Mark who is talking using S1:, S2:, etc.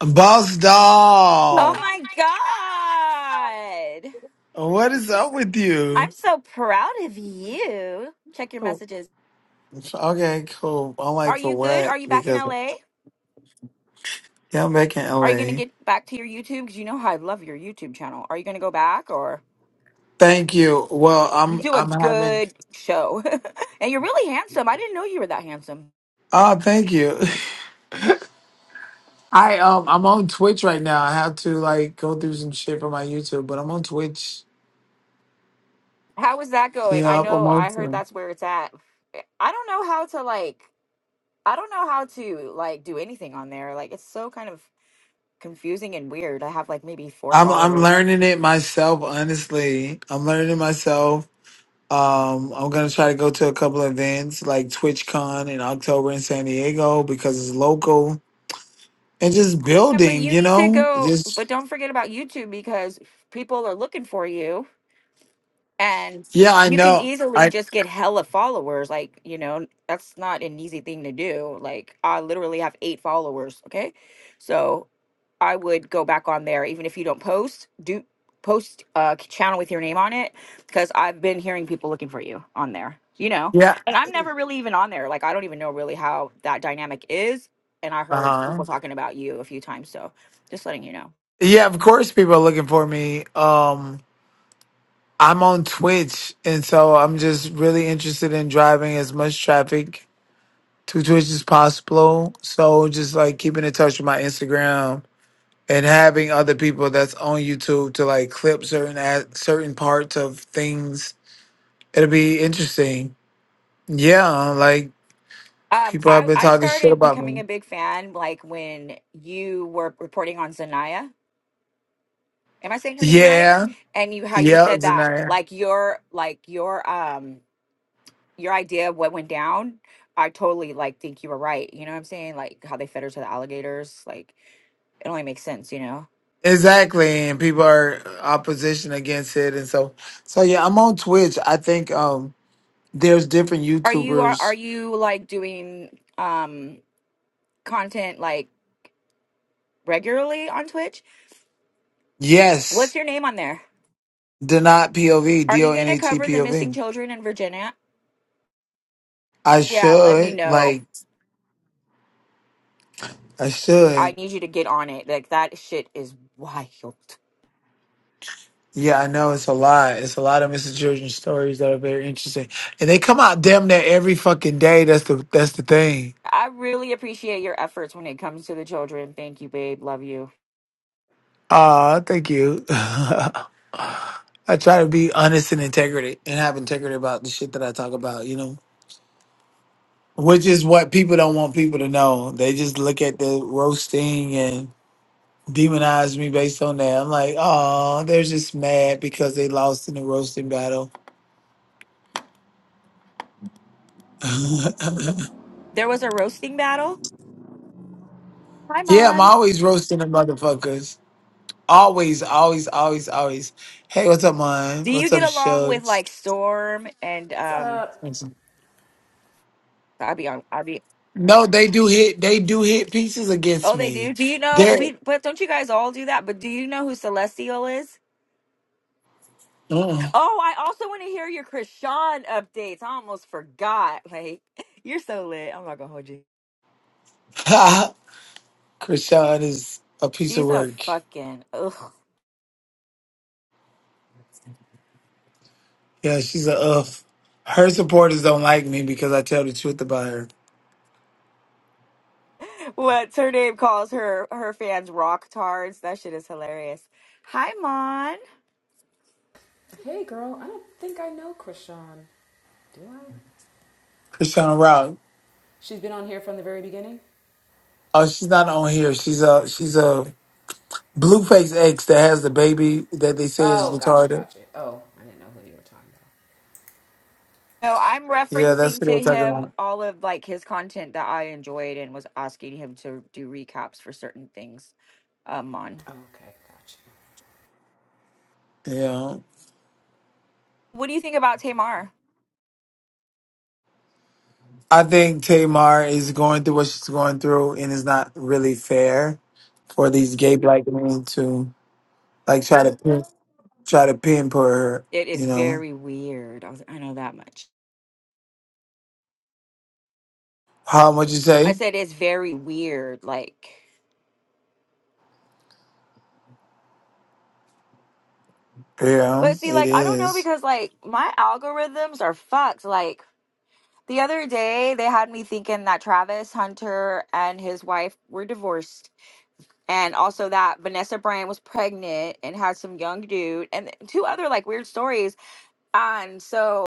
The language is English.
S1: Boss doll.
S2: Oh my God.
S1: What is up with
S2: I'm
S1: you?
S2: so proud of you. Check your messages.
S1: Okay, cool. I'm
S2: Are
S1: like, for
S2: you good?
S1: what?
S2: Are you back in
S1: Because
S2: LA?
S1: yeah, I'm back in
S2: Are you going to
S1: LA.
S2: get back to your YouTube? Because you know how I love your YouTube channel. Are you going to go back or
S1: Thank you. Well,
S2: you
S1: I'm
S2: do a
S1: I'm having.
S2: good show? and you're really handsome. I didn't know you were that handsome.
S1: Oh, thank you. I um I'm on Twitch right now. I have to like go through some shit for my YouTube, but I'm on Twitch.
S2: How is that going? I
S1: Yep, I'm
S2: know
S1: on.
S2: I heard
S1: Twitch.
S2: that's where it's at. I don't know how to like, I don't know how to like do anything on there. Like, it's so kind of confusing and weird. I have like maybe four
S1: I'm I'm
S2: followers.
S1: learning it myself. Honestly, I'm learning myself. Um, I'm gonna try to go to a couple of events like TwitchCon in October in San Diego because it's local and just
S2: Yeah, but
S1: building,
S2: you
S1: you
S2: need to
S1: know.
S2: go,
S1: Just
S2: but don't forget about YouTube because people are looking for you and
S1: yeah, I
S2: you can
S1: know.
S2: easily
S1: I
S2: just get hella followers. Like, you know, that's not an easy thing to do. Like, I literally have eight followers. Okay. So I would go back on there, even if you don't post, do post a channel with your name on it because I've been hearing people looking for you on there, you know.
S1: yeah,
S2: And I'm never really even on there. Like, I don't even know really how that dynamic is. And I
S1: uh
S2: heard
S1: huh.
S2: people talking about you a few times. So just letting you know.
S1: Yeah, of course, people are looking for me. Um, I'm on Twitch, and so I'm just really interested in driving as much traffic to Twitch as possible. So just like keeping in touch with my Instagram and having other people that's on YouTube to like clip certain ad, certain parts of things It'll be interesting. Yeah, like
S2: Um,
S1: people have
S2: I,
S1: been
S2: I
S1: talking shit
S2: started
S1: about
S2: becoming
S1: me.
S2: a big fan like when you were reporting on Zanaya. Am I saying her name right?
S1: Yeah,
S2: And you how you
S1: yeah,
S2: said that
S1: Zanaya.
S2: like your like your um your idea of what went down, I totally like think you were right. You know what I'm saying? Like how they fed her to the alligators. Like it only makes sense, you know.
S1: Exactly, and people are uh, opposition against it, and so so yeah, I'm on Twitch. I think um there's different
S2: Are you are are
S1: YouTubers.
S2: you like doing um content like regularly on Twitch? What's
S1: Yes,
S2: your name on there?
S1: Donat P O V,
S2: Are
S1: D O
S2: you
S1: N
S2: gonna
S1: A T
S2: cover the missing
S1: POV.
S2: children in Virginia?
S1: I
S2: Yeah, let me
S1: should
S2: know.
S1: like I
S2: I
S1: should.
S2: need you to get on it. Like that shit is wild.
S1: Yeah, I know it's a lot. It's a lot of Mrs. Jordan stories that are very interesting, and they come out damn near every fucking day. That's the that's the thing.
S2: I really appreciate your efforts when it comes to the children. Thank you, babe. Love you.
S1: Ah, thank you. I try to be honest and integrity and have integrity about the shit that I talk about, you know, which is what people don't want people to know. They just look at the roasting and demonize me based on that. I'm like, oh, they're just mad because they lost in the roasting battle.
S2: There was a roasting battle. Hi,
S1: yeah, I'm
S2: Mon.
S1: always roasting the motherfuckers. Always, always, always, always. Hey, what's up, man?
S2: Do you
S1: What's up,
S2: get along with
S1: Shugs?
S2: like Storm and
S3: What's
S2: um
S3: up?
S2: I'll be on I'll be
S1: No, they do hit. They do hit pieces against
S2: Oh they do.
S1: me.
S2: Do you know
S1: There.
S2: we but don't you guys all do that? But do you know who Celestial is?
S1: Oh,
S2: Oh, I also want to hear your Krishan updates. I almost forgot. Like you're so lit. I'm not gonna hold you.
S1: Krishan is a piece of
S2: She's a
S1: work.
S2: fucking ugh.
S1: Yeah, she's a uff. Her supporters don't like me because I tell the truth about her.
S2: What's her name calls her her fans rock tards. That shit is hilarious. Hi Mon.
S3: Hey, girl. I don't think I know Krishan. Do I?
S1: Krishan Rock.
S3: She's been on here from the very beginning.
S1: Oh, she's not on here. She's a she's a blueface ex that has the baby that they say is
S3: Oh, gotcha,
S1: retarded.
S3: gotcha. Oh, I didn't know who you were talking about.
S2: No, I'm
S1: Yeah, that's
S2: referencing
S1: what we're
S2: to
S1: talking
S2: him
S1: about.
S2: all of like his content that I enjoyed and was asking him to do recaps for certain things um on.
S3: Oh, okay, gotcha.
S1: Yeah.
S2: What do you think about Tamar?
S1: I think Tamar is going through what she's going through and it's not really fair for these gay black men to like try to pin, try to pin her,
S2: It is
S1: you know.
S2: very weird. I, was, I know that much.
S1: How much you
S2: I
S1: say?
S2: said it's very weird. Like,
S1: Yeah,
S2: but see,
S1: it
S2: like I don't know
S1: is.
S2: because like my algorithms are fucked. Like the other day, they had me thinking that Travis Hunter and his wife were divorced and also that Vanessa Brand was pregnant and had some young dude, and two other like weird stories. And so